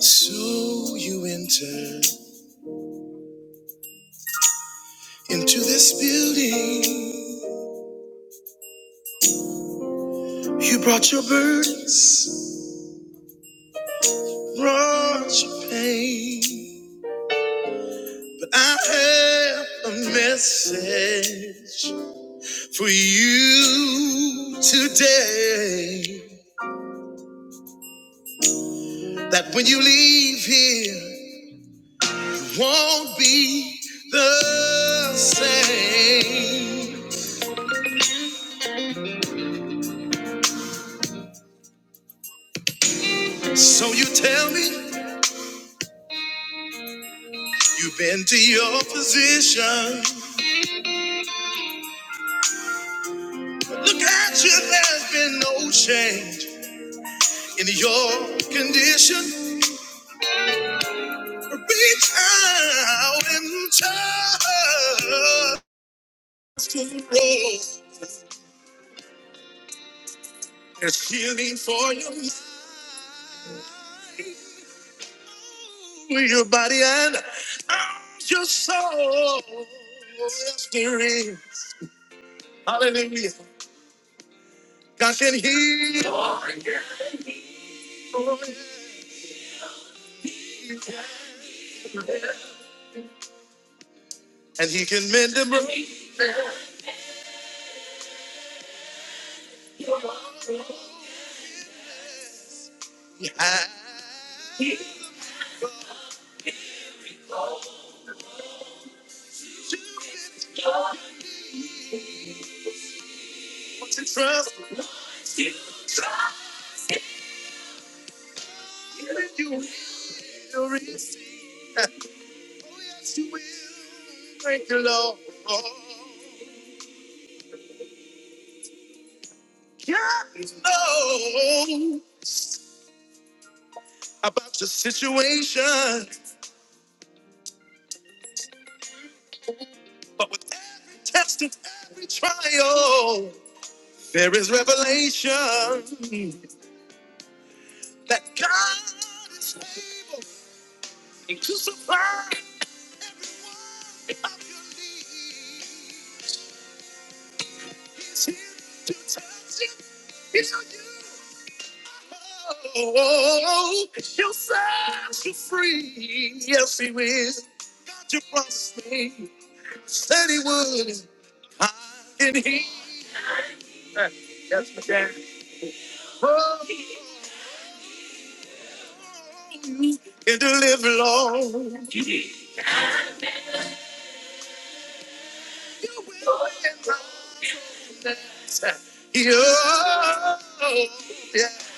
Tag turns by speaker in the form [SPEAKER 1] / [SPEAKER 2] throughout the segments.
[SPEAKER 1] So you enter into this building. You brought your burdens, brought your pain. But I have a message for you today that when you leave here, it won't be the same. So you tell me you've been to your physician. Look at you, there's been no change in your condition. Reach out and touch. the road. There's healing for your mind, your body, and your soul. Yes, there is. Hallelujah. God can heal and He can mend the broken. heart. Put your trust, in your reason. yes, you will. Thank you, Lord. Yes, Lord. About your situation, but with every test and every trial, there is revelation that God is able. to turn Every one of your needs, He's here to touch you, heal you. Oh, she'll set you free. Yes, he will. God, you promised me that he would. I and he. Yes, my dad. Oh, can deliver, Lord. You will. Yeah. yeah. Yes,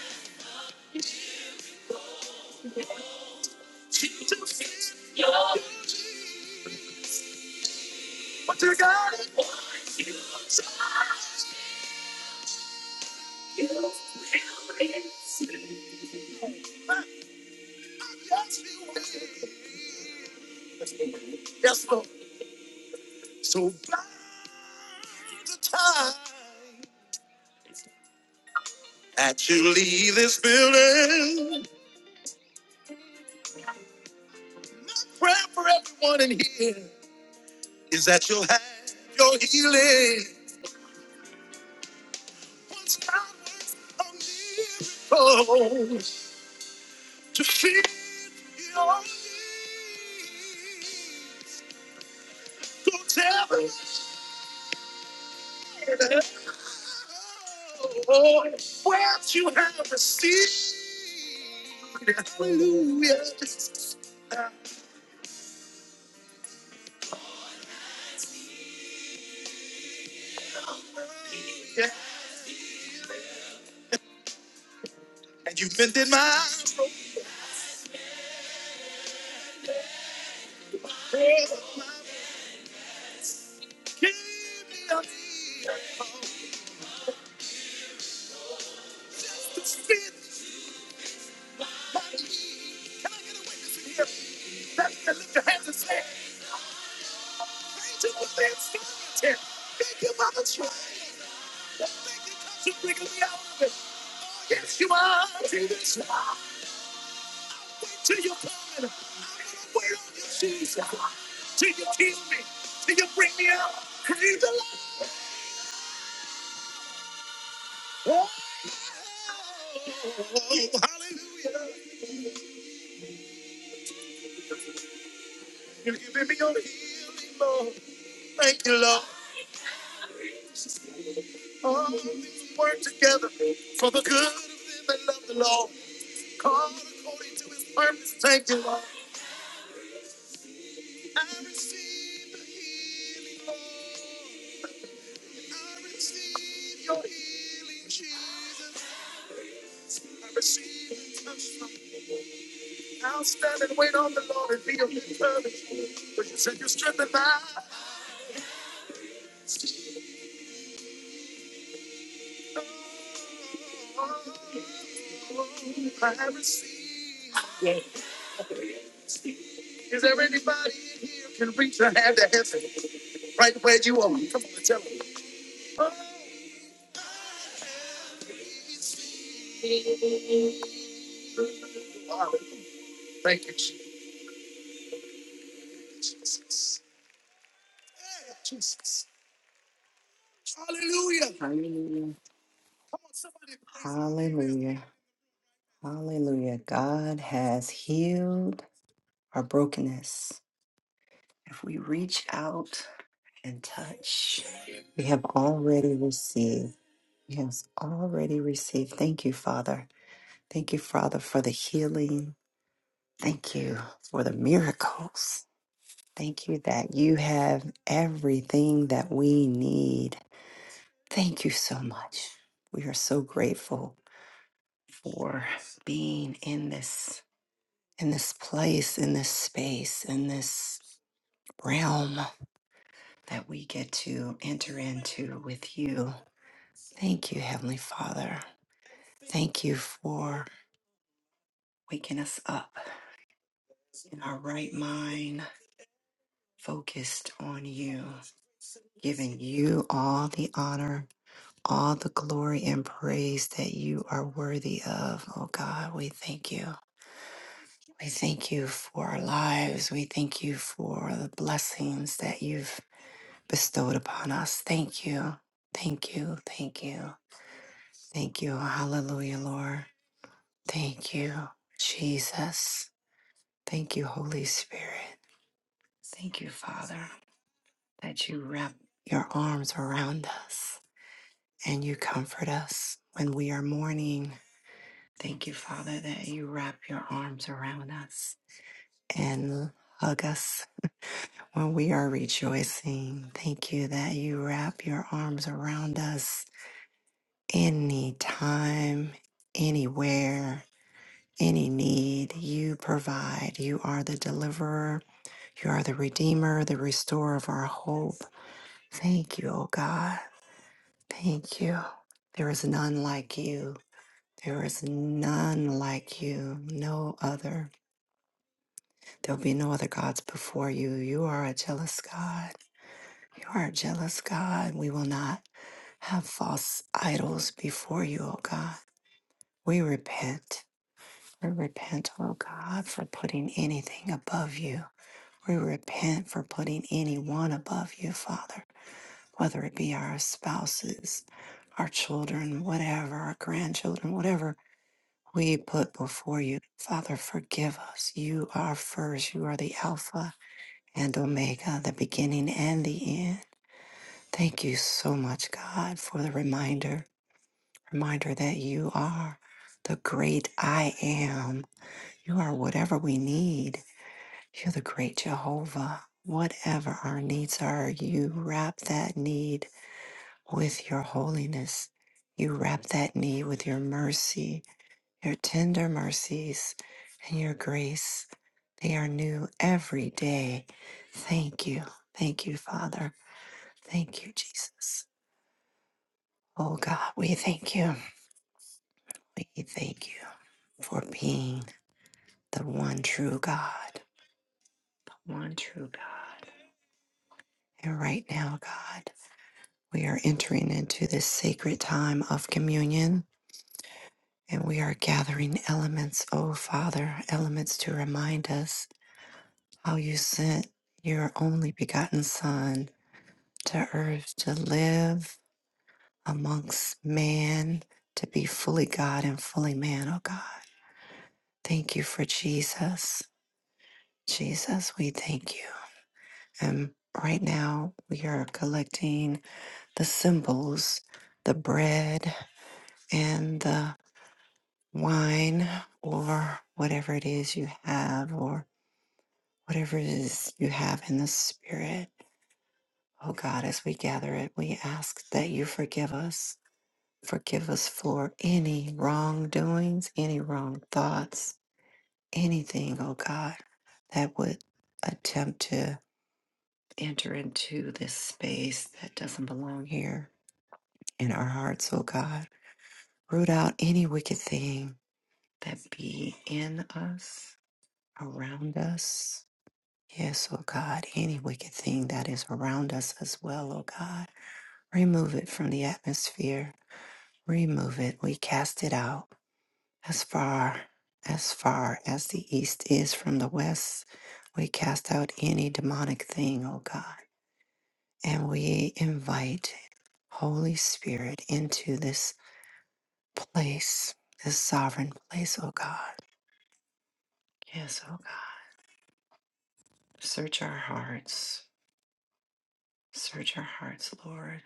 [SPEAKER 1] you will. So by the time that you leave this building. My Prayer for everyone in here is that you'll have your healing. Once God works a miracle to feel your needs. Go tell the Lord what you have received. Hallelujah. Yeah. And you've bended my eyes. Give me a to feel. Let's lift your hands and say. Until the end, until. Thank you, Mama. Try to bring me out of it. Yes, you are. Till this, till you're gone. I'm gonna wear all your shoes. Till you kill me. Till you bring me out. Crazy love. Oh, hallelujah. You're giving me your healing, Lord. Thank you, Lord. All things work together for the good of them that love the Lord, called according to His purpose. Thank you, Lord. I receive the healing, Lord. I receive your healing, Jesus. I receive the touch from you. I'll stand and wait on the Lord and be of good courage. For you said you strengthened my heart. Oh, I receive. Is there anybody in here who can reach a hand to heaven right where you are? Come on and tell me. Oh, you Thank you, Jesus. Hallelujah. Hallelujah. Hallelujah. God has healed our brokenness. If we reach out and touch, we have already received. We have already received. Thank you, Father. Thank you, Father, for the healing. Thank you for the miracles. Thank you that you have everything that we need. Thank you so much. We are so grateful for being in this in this place, in this space, in this realm that we get to enter into with you. Thank you, Heavenly Father. Thank you for waking us up in our right mind, focused on you, giving you all the honor, all the glory and praise that you are worthy of. Oh God, we thank you. We thank you for our lives. We thank you for the blessings that you've bestowed upon us. Thank you. Thank you. Thank you. Thank you. Hallelujah, Lord. Thank you, Jesus. Thank you, Holy Spirit. Thank you, Father, that you wrap your arms around us and you comfort us when we are mourning. Thank you, Father, that you wrap your arms around us and hug us when we are rejoicing. Thank you that you wrap your arms around us Anytime, anywhere, any need, you provide. You are the deliverer. You are the redeemer, the restorer of our hope. Thank you, O God. Thank you. There is none like you. There is none like you, no other. There'll be no other gods before you. You are a jealous God. You are a jealous God. We will not have false idols before you, O God. We repent. We repent, oh God, for putting anything above you. We repent for putting anyone above you, Father, whether it be our spouses, our children, whatever, our grandchildren, whatever we put before you. Father, forgive us. You are first. You are the Alpha and Omega, the beginning and the end. Thank you so much, God, for the reminder, reminder that you are the great I am. You are whatever we need. You're the great Jehovah. Whatever our needs are, you wrap that need with your holiness. You wrap that need with your mercy, your tender mercies, and your grace. They are new every day. Thank you. Thank you, Father. Thank you, Jesus. Oh God, we thank you. We thank you for being the one true God, one true God. And right now, God. We are entering into this sacred time of communion and we are gathering elements, oh Father, elements to remind us how you sent your only begotten Son to earth to live amongst man, to be fully God and fully man, oh God. Thank you for Jesus. Jesus, we thank you. And right now we are collecting the symbols, the bread, and the wine or whatever it is you have or whatever it is you have in the spirit. Oh God, as we gather it, we ask that you forgive us. Forgive us for any wrongdoings, any wrong thoughts, anything, oh God, that would attempt to enter into this space that doesn't belong here in our hearts, oh God. Root out any wicked thing that be in us, around us, Yes, oh God, any wicked thing that is around us as well, oh God, remove it from the atmosphere. Remove it. We cast it out as far as far as the east is from the west. We cast out any demonic thing, oh God, and we invite Holy Spirit into this place, this sovereign place, oh God. Yes, oh God. Search our hearts. Search our hearts, Lord.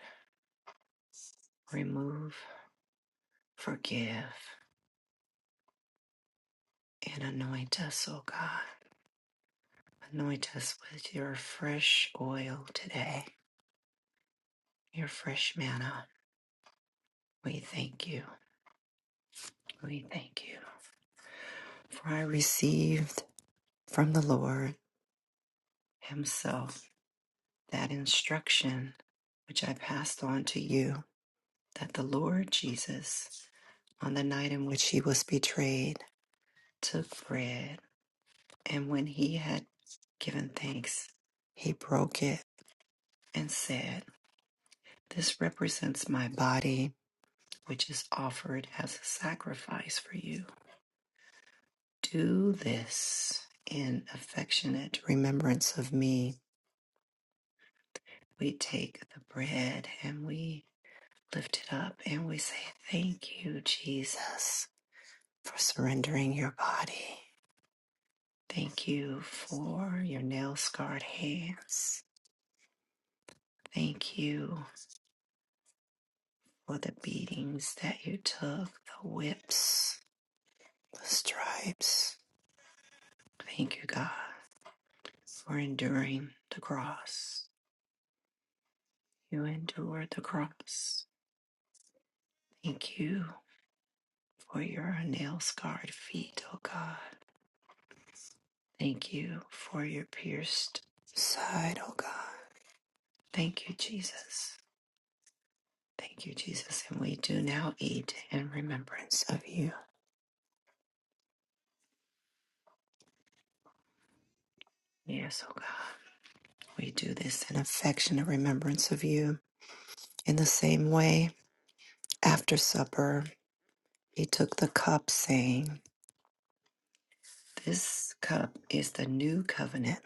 [SPEAKER 1] Remove. Forgive and anoint us, O God. Anoint us with your fresh oil today, your fresh manna. We thank you. We thank you. For I received from the Lord Himself that instruction which I passed on to you that the Lord Jesus, on the night in which He was betrayed, took bread, and when He had given thanks, He broke it and said, This represents my body, which is offered as a sacrifice for you. Do this in affectionate remembrance of me. We take the bread and we lift it up and we say, Thank you, Jesus, for surrendering your body. Thank you for your nail scarred hands. Thank you for the beatings that you took, the whips, the stripes. Thank you, God for enduring the cross. You endured the cross. Thank you for your nail scarred feet, O God. Thank you for your pierced side, O God. Thank you, Jesus. Thank you, Jesus. And we do now eat in remembrance of you. Yes, O God. We do this in affectionate remembrance of you. In the same way, after supper, he took the cup, saying, This cup is the new covenant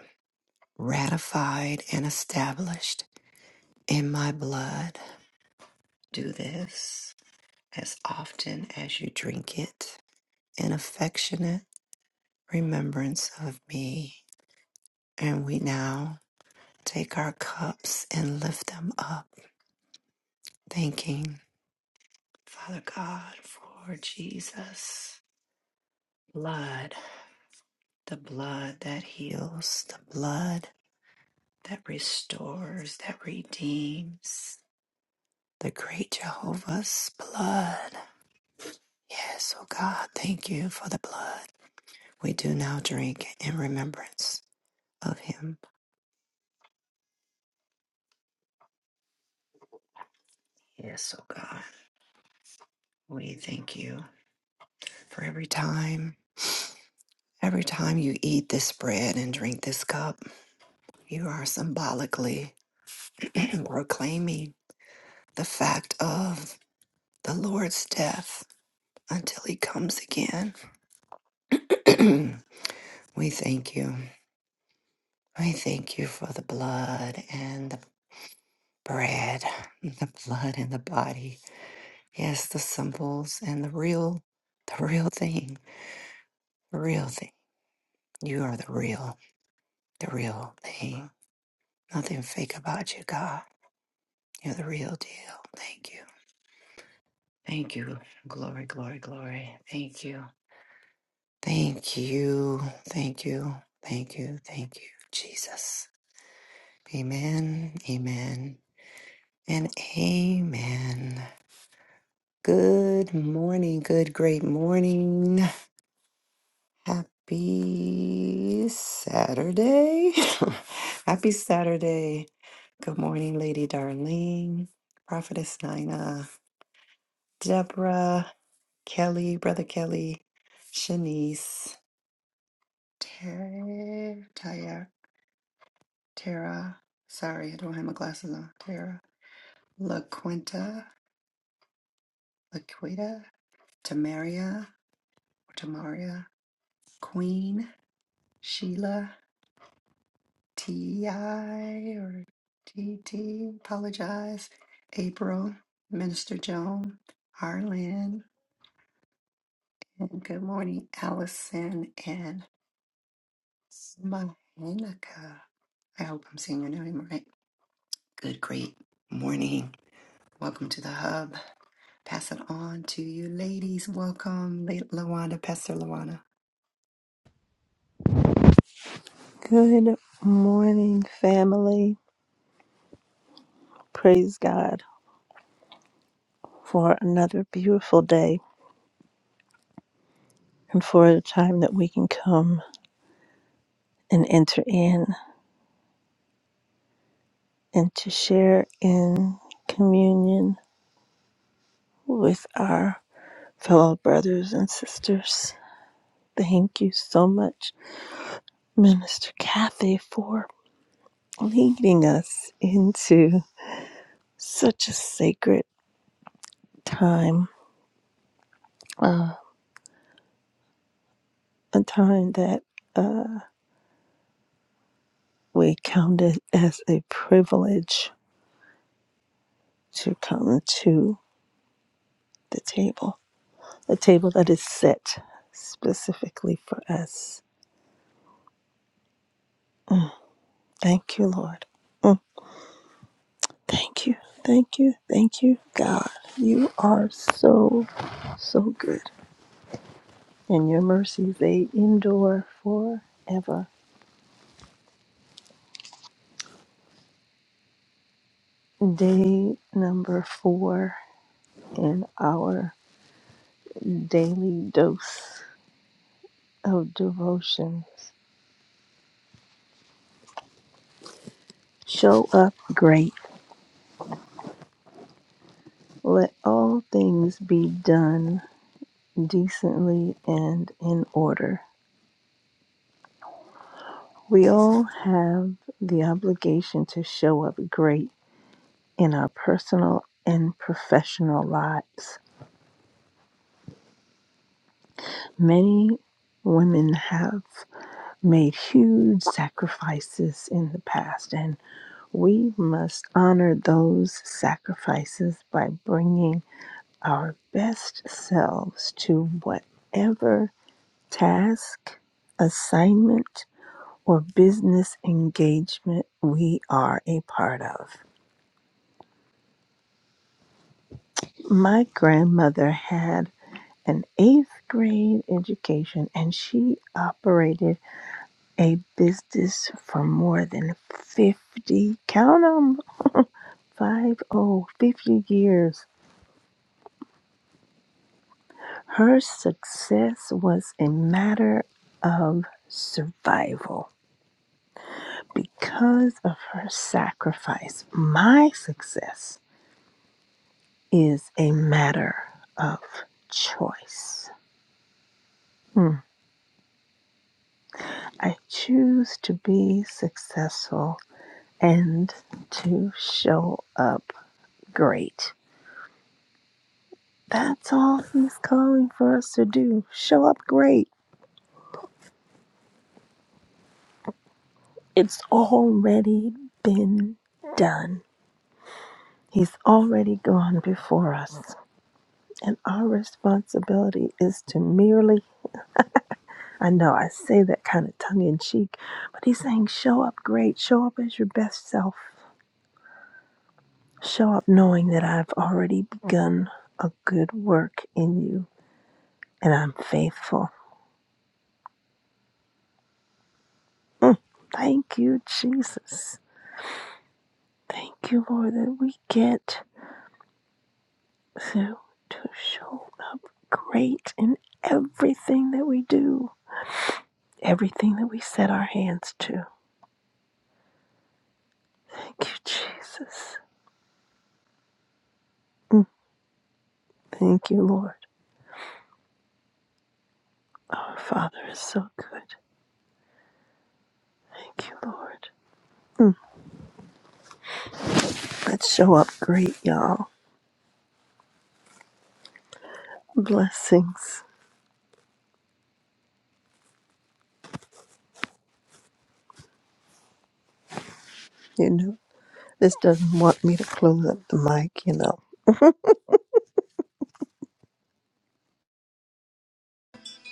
[SPEAKER 1] ratified and established in my blood. Do this as often as you drink it in affectionate remembrance of me. And we now take our cups and lift them up, thanking Father God for Jesus' blood, the blood that heals, the blood that restores, that redeems, the great Jehovah's blood Yes, O God, thank you for the blood. We do now drink in remembrance of him. Yes, O God, we thank you for every time, every time you eat this bread and drink this cup, you are symbolically proclaiming the fact of the Lord's death until he comes again. we thank you. We thank you for the blood and the bread, the blood and the body Yes, the symbols and the real, the real thing, the real thing. You are the real, the real thing. Nothing fake about you, God. You're the real deal. Thank you. Thank you. Glory, glory, glory. Thank you. Thank you. Thank you. Thank you. Thank you, Jesus. Amen. Amen. And amen. Good morning. Good, great morning. Happy Saturday. Happy Saturday. Good morning, Lady Darlene, Prophetess Nina, Deborah, Kelly, Brother Kelly, Shanice, Tara, Tara, Tara. Sorry, I don't have my glasses on. Tara, LaQuinta, LaQuita, Tamaria, or Tamaria, Queen, Sheila. T.I. or T.T. Apologize. April, Minister Joan, Arlen, and good morning, Allison and Mahanika. I hope I'm saying your name right. Good, great morning. Welcome to the hub. Pass it on to you, ladies. Welcome, La- Lawanda, Pastor Lawana.
[SPEAKER 2] Good morning, family. Praise God for another beautiful day and for the time that we can come and enter in and to share in communion with our fellow brothers and sisters. Thank you so much, Minister Kathy, for leading us into such a sacred time, uh, a time that uh, we count it as a privilege to come to the table, a table that is set specifically for us. Thank you, Lord. Mm. Thank you, thank you, thank you, God. You are so, so good. And your mercies, they endure forever. Day number four in our daily dose of devotions. Show up great. Let all things be done decently and in order. We all have the obligation to show up great in our personal and professional lives. Many women have made huge sacrifices in the past, and we must honor those sacrifices by bringing our best selves to whatever task, assignment, or business engagement we are a part of. My grandmother had an eighth grade education and she operated a business for more than 50, count 'em, five, oh 50 years. Her success was a matter of survival. Because of her sacrifice, my success is a matter of choice. Hmm. I choose to be successful and to show up great. That's all he's calling for us to do. Show up great. It's already been done. He's already gone before us. And our responsibility is to merely, I know I say that kind of tongue in cheek, but he's saying, show up great, show up as your best self. Show up knowing that I've already begun a good work in you and I'm faithful. Mm. Thank you, Jesus. Thank you, Lord, that we get to, to show up great in everything that we do, everything that we set our hands to. Thank you, Jesus. Mm. Thank you, Lord. Our Father is so good. Thank you, Lord. Mm. Let's show up great, y'all. Blessings. You know. This doesn't want me to close up the mic, you know.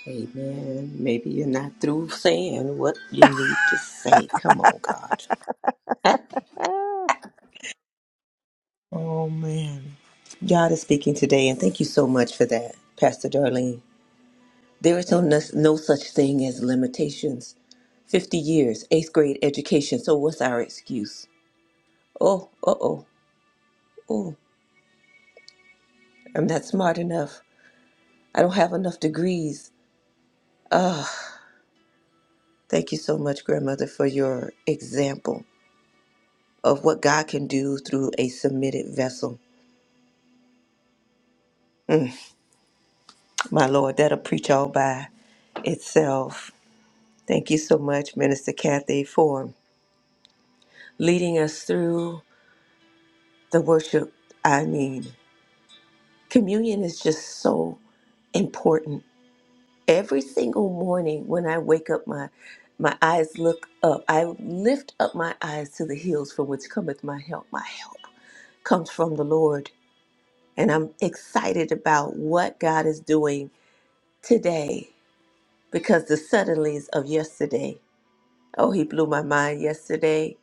[SPEAKER 3] Amen. Maybe you're not through saying what you need to say. Come on, God. Huh? Oh, man. God is speaking today, and thank you so much for that, Pastor Darlene. There is no, no such thing as limitations. 50 years, eighth grade education. So, what's our excuse? Oh, uh oh, oh, I'm not smart enough. I don't have enough degrees. Ah, thank you so much, Grandmother, for your example of what God can do through a submitted vessel. Mm-hmm. My Lord, that'll preach all by itself. Thank you so much, Minister Kathy, for leading us through the worship. I mean, communion is just so important. Every single morning when I wake up, my my eyes look up. I lift up my eyes to the hills from which cometh my help. My help comes from the Lord. And I'm excited about what God is doing today because the suddenlies of yesterday Oh, he blew my mind yesterday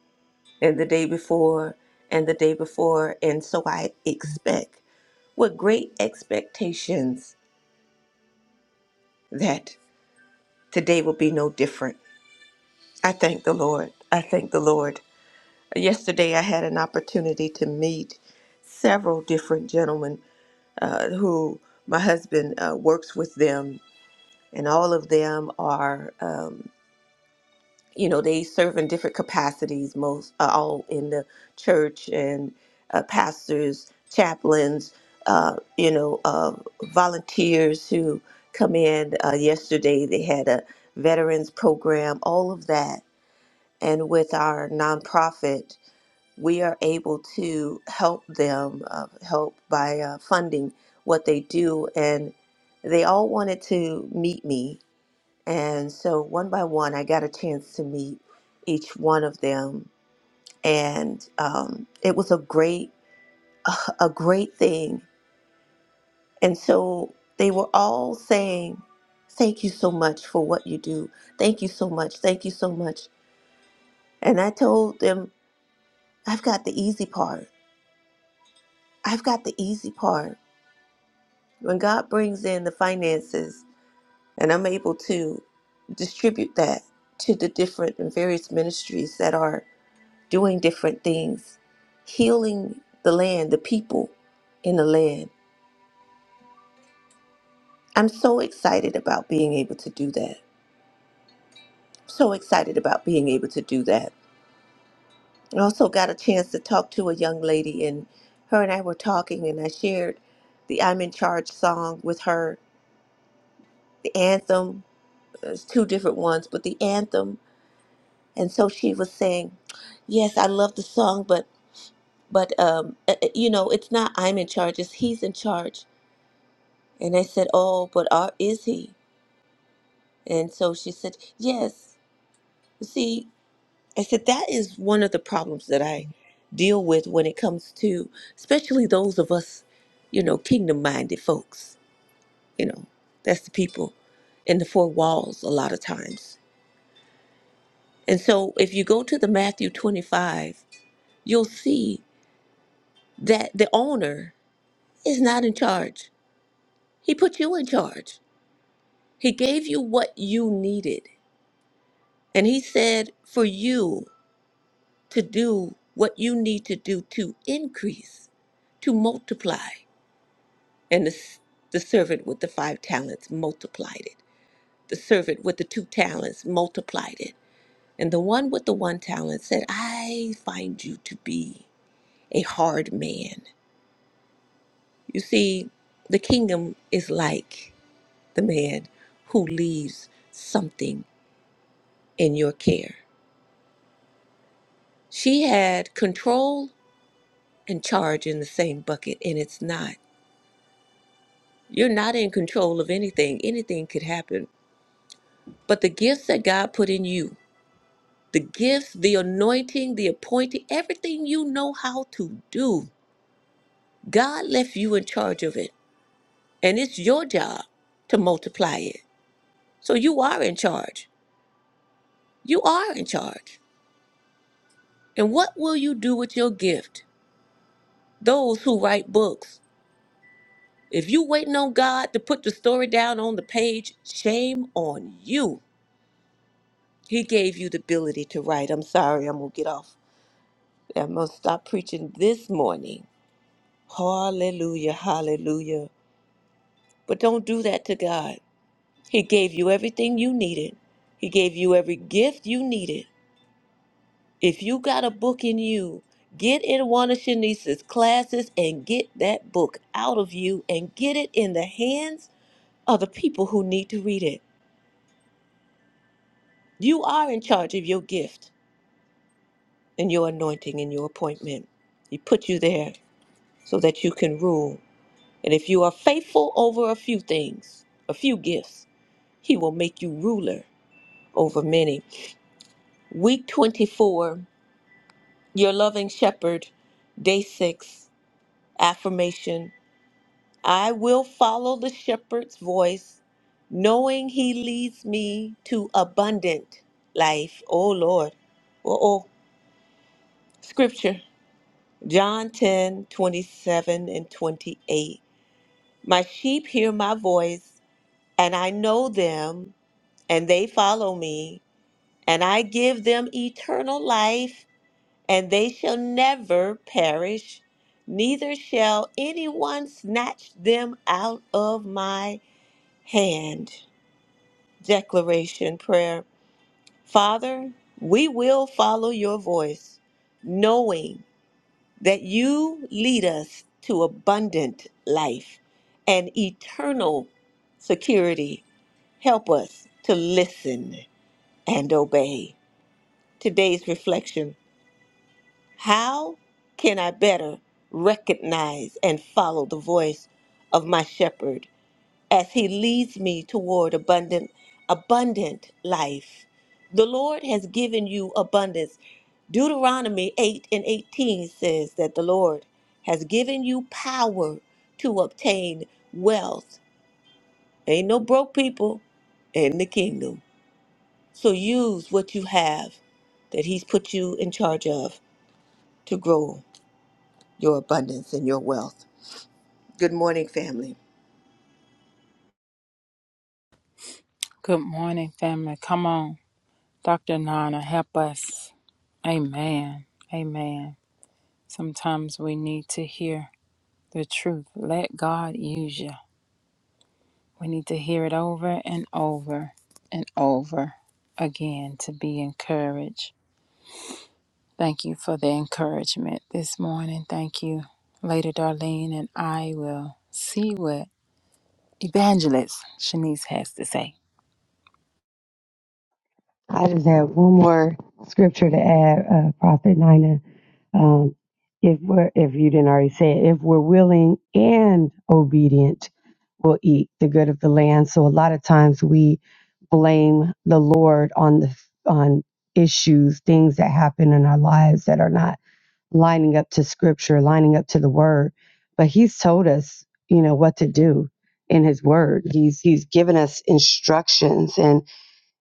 [SPEAKER 3] and the day before and the day before. And so I expect with great expectations that today will be no different. I thank the Lord. I thank the Lord. Yesterday, I had an opportunity to meet several different gentlemen uh, who my husband uh, works with them, and all of them are. Um, you know they serve in different capacities most uh, all in the church and uh, pastors chaplains uh, you know uh, volunteers who come in uh, yesterday they had a veterans program all of that and with our nonprofit we are able to help them uh, help by uh, funding what they do and they all wanted to meet me and so one by one, I got a chance to meet each one of them, and um, it was a great, a great thing. And so they were all saying, "Thank you so much for what you do. Thank you so much. Thank you so much." And I told them, "I've got the easy part. I've got the easy part. When God brings in the finances, and I'm able to distribute that to the different and various ministries that are." doing different things, healing the land, the people in the land. I'm so excited about being able to do that. So excited about being able to do that. I also got a chance to talk to a young lady, and her and I were talking, and I shared the I'm in Charge song with her, the anthem. There's two different ones, but the anthem. And so she was saying, Yes, I love the song, but but um, uh, uh, you know, it's not I'm in charge, it's he's in charge And I said, Oh, but are, is he? And so she said, Yes. See, I said, That is one of the problems that I deal with when it comes to, especially those of us, you know, kingdom minded folks. You know, that's the people in the four walls a lot of times. And so if you go to the Matthew 25, you'll see that the owner is not in charge. He put you in charge. He gave you what you needed. And he said, For you to do what you need to do to increase, to multiply. And the, s- the servant with the five talents multiplied it. The servant with the two talents multiplied it. And the one with the one talent said, I find you to be a hard man. You see, the kingdom is like the man who leaves something in your care. She had control and charge in the same bucket, and it's not. You're not in control of anything. Anything could happen. But the gifts that God put in you, the gifts, the anointing, the appointing, everything you know how to do, God left you in charge of it. And it's your job to multiply it. So you are in charge. You are in charge. And what will you do with your gift? Those who write books. If you waiting on God to put the story down on the page, shame on you. He gave you the ability to write. I'm sorry, I'm gonna get off I'm going to stop preaching this morning. Hallelujah, hallelujah. But don't do that to God. He gave you everything you needed, He gave you every gift you needed. If you got a book in you, get in one of Shanice's classes and get that book out of you and get it in the hands of the people who need to read it. You are in charge of your gift and your anointing and your appointment. He put you there so that you can rule And if you are faithful over a few things, a few gifts, he will make you ruler over many. Week 24, your loving shepherd, day six, affirmation I will follow the shepherd's voice, knowing he leads me to abundant life. Oh, Lord. Oh, oh. Scripture, John 10 27 and 28. My sheep hear my voice, and I know them and they follow me, and I give them eternal life, and they shall never perish, neither shall anyone snatch them out of my hand. Declaration Prayer Father, we will follow your voice, knowing that you lead us to abundant life and eternal security. Help us to listen and obey. Today's reflection How can I better recognize and follow the voice of my shepherd as he leads me toward abundant, abundant life? The Lord has given you abundance. Deuteronomy 8 and 18 says that the Lord has given you power to obtain wealth. Ain't no broke people in the kingdom. So use what you have that He's put you in charge of to grow your abundance and your wealth. Good morning, family.
[SPEAKER 4] Good morning, family. Come on, Dr. Nana, help us. Amen. Amen. Sometimes we need to hear the truth. Let God use you. We need to hear it over and over and over again to be encouraged. Thank you for the encouragement this morning. Thank you, Lady Darlene, and I will see what Evangelist Shanice has to say.
[SPEAKER 5] I just have one more scripture to add, uh, Prophet Nina. Um, if we're, if you didn't already say it, if we're willing and obedient, we'll eat the good of the land. So a lot of times we blame the Lord on the on issues, things that happen in our lives that are not lining up to Scripture, lining up to the Word. But He's told us, you know, what to do in His Word. He's He's given us instructions, and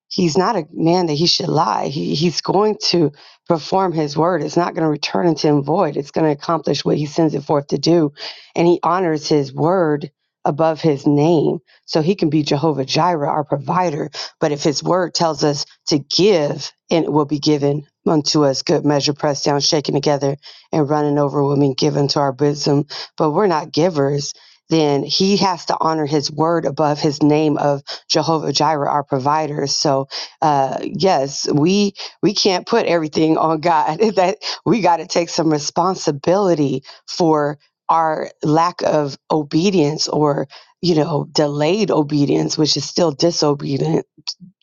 [SPEAKER 5] he's not a man that he should lie. He, he's going to perform his word. It's not going to return unto him void. It's going to accomplish what he sends it forth to do. And he honors his word above his name. So he can be Jehovah Jireh, our provider. But if his word tells us to give, and it will be given unto us, good measure, pressed down, shaken together, and running over will be given to our bosom. But we're not givers. Then he has to honor his word above his name of Jehovah Jireh, our provider. So, uh, yes, we we can't put everything on God. That we got to take some responsibility for our lack of obedience, or you know, delayed obedience, which is still disobedient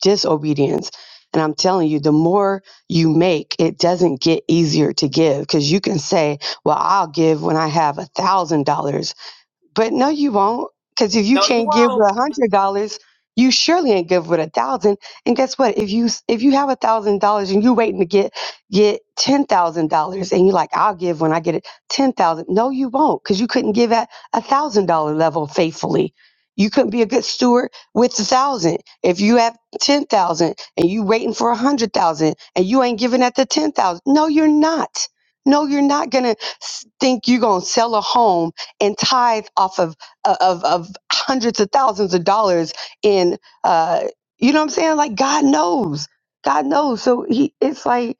[SPEAKER 5] disobedience. And I'm telling you, the more you make, it doesn't get easier to give because you can say, "Well, I'll give when I have a thousand dollars." But no, you won't. Because if you
[SPEAKER 3] No, you
[SPEAKER 5] can't give
[SPEAKER 3] won't.
[SPEAKER 5] with a hundred dollars, you surely ain't give with a thousand. And guess what? If you if you have a thousand dollars and you're waiting to get get ten thousand dollars, and you're like, I'll give when I get it ten thousand. No, you won't, because you couldn't give at a thousand dollar level faithfully. You couldn't be a good steward with the thousand. If you have ten thousand and you waiting for a hundred thousand, and you ain't giving at the ten thousand, no, you're not. No, you're not gonna s- think you're gonna sell a home and tithe off of uh, of, of hundreds of thousands of dollars in uh, you know what I'm saying? Like God knows, God knows. So he, it's like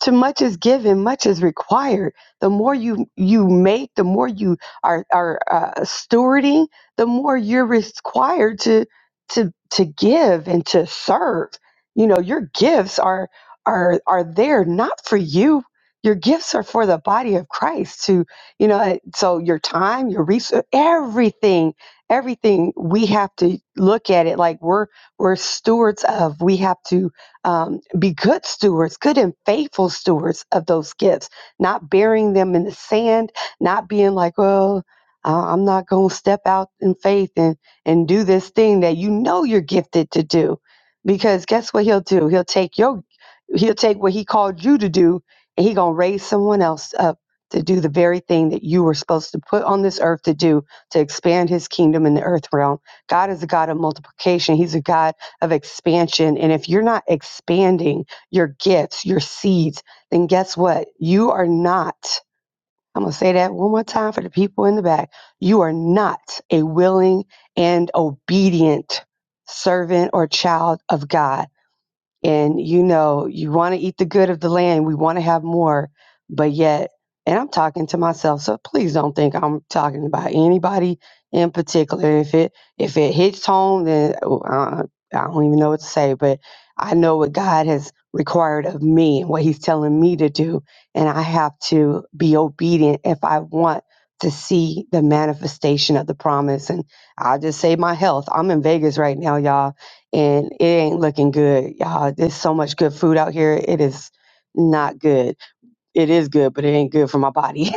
[SPEAKER 5] to much is given much is required the more you you make the more you are are uh, stewarding the more you're required to to to give and to serve you know your gifts are are are there not for you your gifts are for the body of christ to you know uh, so your time your resource everything everything we have to look at it like we're we're stewards of we have to um, be good stewards, good and faithful stewards of those gifts, not burying them in the sand, not being like, well, I- I'm not going to step out in faith and, and do this thing that you know you're gifted to do. Because guess what he'll do? He'll take your, he'll take what he called you to do and he going to raise someone else up to do the very thing that you were supposed to put on this earth to do to expand his kingdom in the earth realm. God is a God of multiplication. He's a God of expansion. And if you're not expanding your gifts, your seeds, then guess what? You are not, I'm going to say that one more time for the people in the back. You are not a willing and obedient servant or child of God and you know you want to eat the good of the land we want to have more but yet and i'm talking to myself so please don't think i'm talking about anybody in particular if it if it hits home then oh, uh, i don't even know what to say but i know what god has required of me and what he's telling me to do and i have to be obedient if i want to see the manifestation of the promise and i'll just say my health i'm in vegas right now y'all and it ain't looking good, y'all. There's so much good food out here. It is not good. It is good, but it ain't good for my body.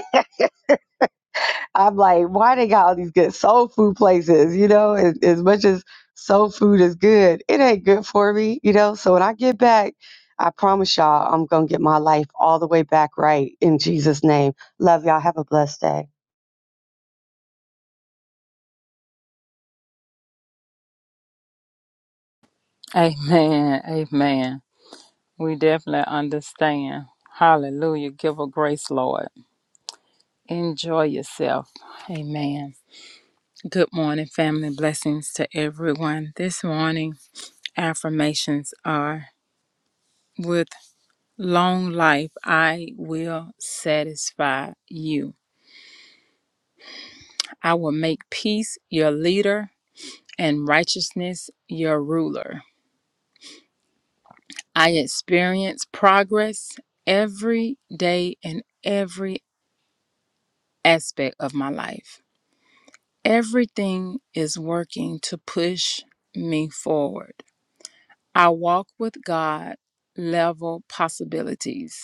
[SPEAKER 5] I'm like, why they got all these good soul food places? You know, as, as much as soul food is good, it ain't good for me. You know, so when I get back, I promise y'all, I'm gonna get my life all the way back right in Jesus' name. Love y'all. Have a blessed day.
[SPEAKER 4] Amen. Amen. We definitely understand. Hallelujah. Give her grace, Lord. Enjoy yourself. Amen. Good morning, family. Blessings to everyone. This morning, affirmations are with long life, I will satisfy you. I will make peace your leader and righteousness your ruler. I experience progress every day in every aspect of my life. Everything is working to push me forward. I walk with God level possibilities.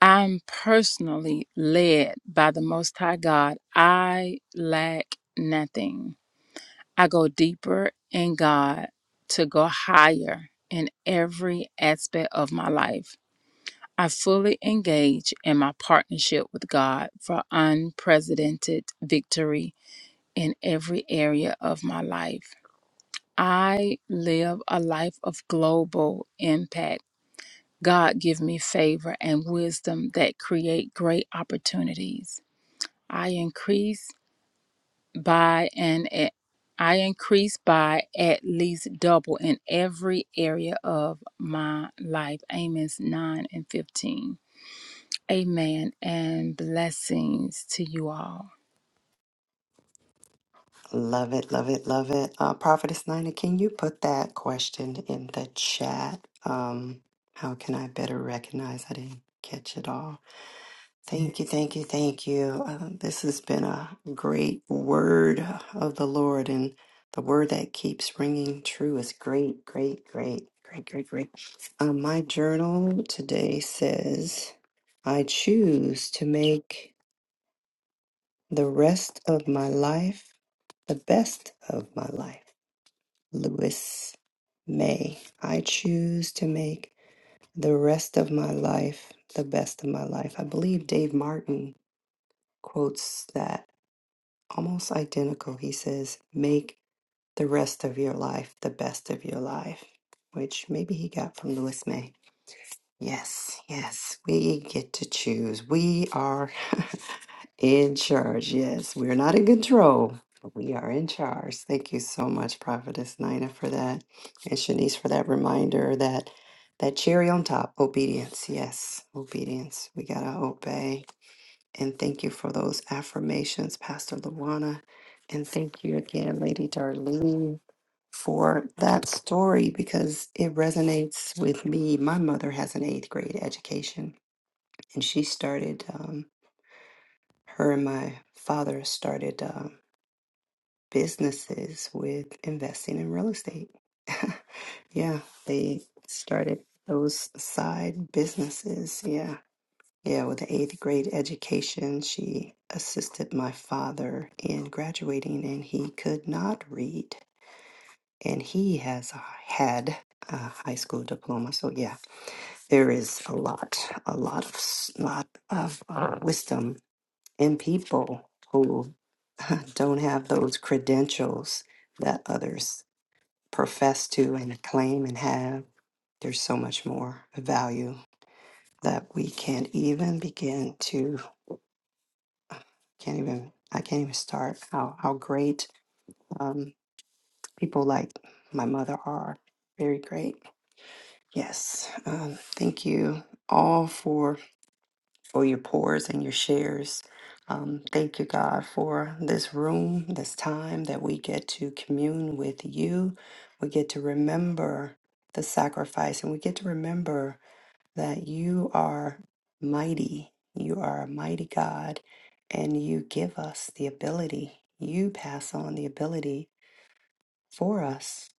[SPEAKER 4] I'm personally led by the Most High God. I lack nothing. I go deeper in God to go higher in every aspect of my life. I fully engage in my partnership with God for unprecedented victory in every area of my life. I live a life of global impact. God give me favor and wisdom that create great opportunities. I increase by an I increase by at least double in every area of my life. Amos 9 and 15. Amen and blessings to you all.
[SPEAKER 1] Love it, love it, love it. Uh, Prophetess Nina, can you put that question in the chat? Um, how can I better recognize? I didn't catch it all. Thank you, thank you, thank you. Uh, this has been a great word of the Lord, and the word that keeps ringing true is great, great, great, great, great, great. Um, my journal today says, I choose to make the rest of my life the best of my life. Lewis May. I choose to make the rest of my life the best of my life. I believe Dave Martin quotes that almost identical. He says, Make the rest of your life the best of your life, which maybe he got from Lewis May. Yes, yes, we get to choose. We are. In charge, yes. We're not in control, but we are in charge. Thank you so much, Prophetess Nina, for that. And Shanice for that reminder that that cherry on top, obedience. Yes, obedience. We gotta obey. And thank you for those affirmations, Pastor Luana. And thank you again, Lady Darlene, for that story because it resonates with me. My mother has an eighth grade education and she started. um, her and my father started uh, businesses with investing in real estate. yeah, they started those side businesses. Yeah. Yeah, with the eighth grade education, she assisted my father in graduating, and he could not read. And he has a, had a high school diploma. So, yeah, there is a lot, a lot of, s- lot of uh, wisdom in people who. don't have those credentials that others profess to and claim and have. There's so much more value that we can't even begin to, can't even, I can't even start how, how great um, people like my mother are. Very great. Yes. Um, thank you all for. for your pours and your shares. Um, thank you, God, for this room, this time that we get to commune with you. We get to remember the sacrifice and we get to remember that you are mighty. You are a mighty God and you give us the ability. You pass on the ability for us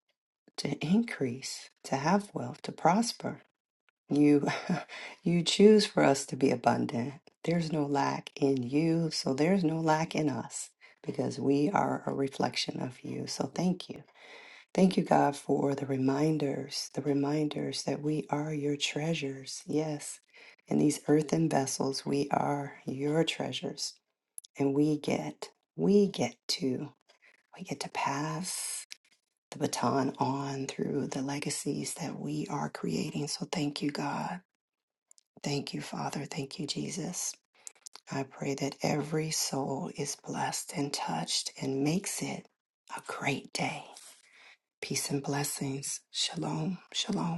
[SPEAKER 1] to increase, to have wealth, to prosper you you choose for us to be abundant. There's no lack in you, so there's no lack in us because we are a reflection of you. So thank you. Thank you God for the reminders, the reminders that we are your treasures. Yes. In these earthen vessels, we are your treasures and we get we get to we get to pass the baton on through the legacies that we are creating. So thank you God. Thank you, Father. Thank you, Jesus. I pray that every soul is blessed and touched and makes it a great day. Peace and blessings. Shalom. Shalom.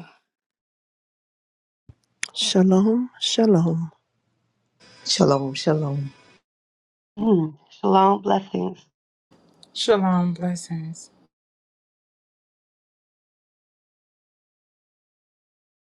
[SPEAKER 2] Shalom, shalom.
[SPEAKER 3] Shalom, shalom.
[SPEAKER 5] Mm, shalom, blessings.
[SPEAKER 4] Shalom. Blessings.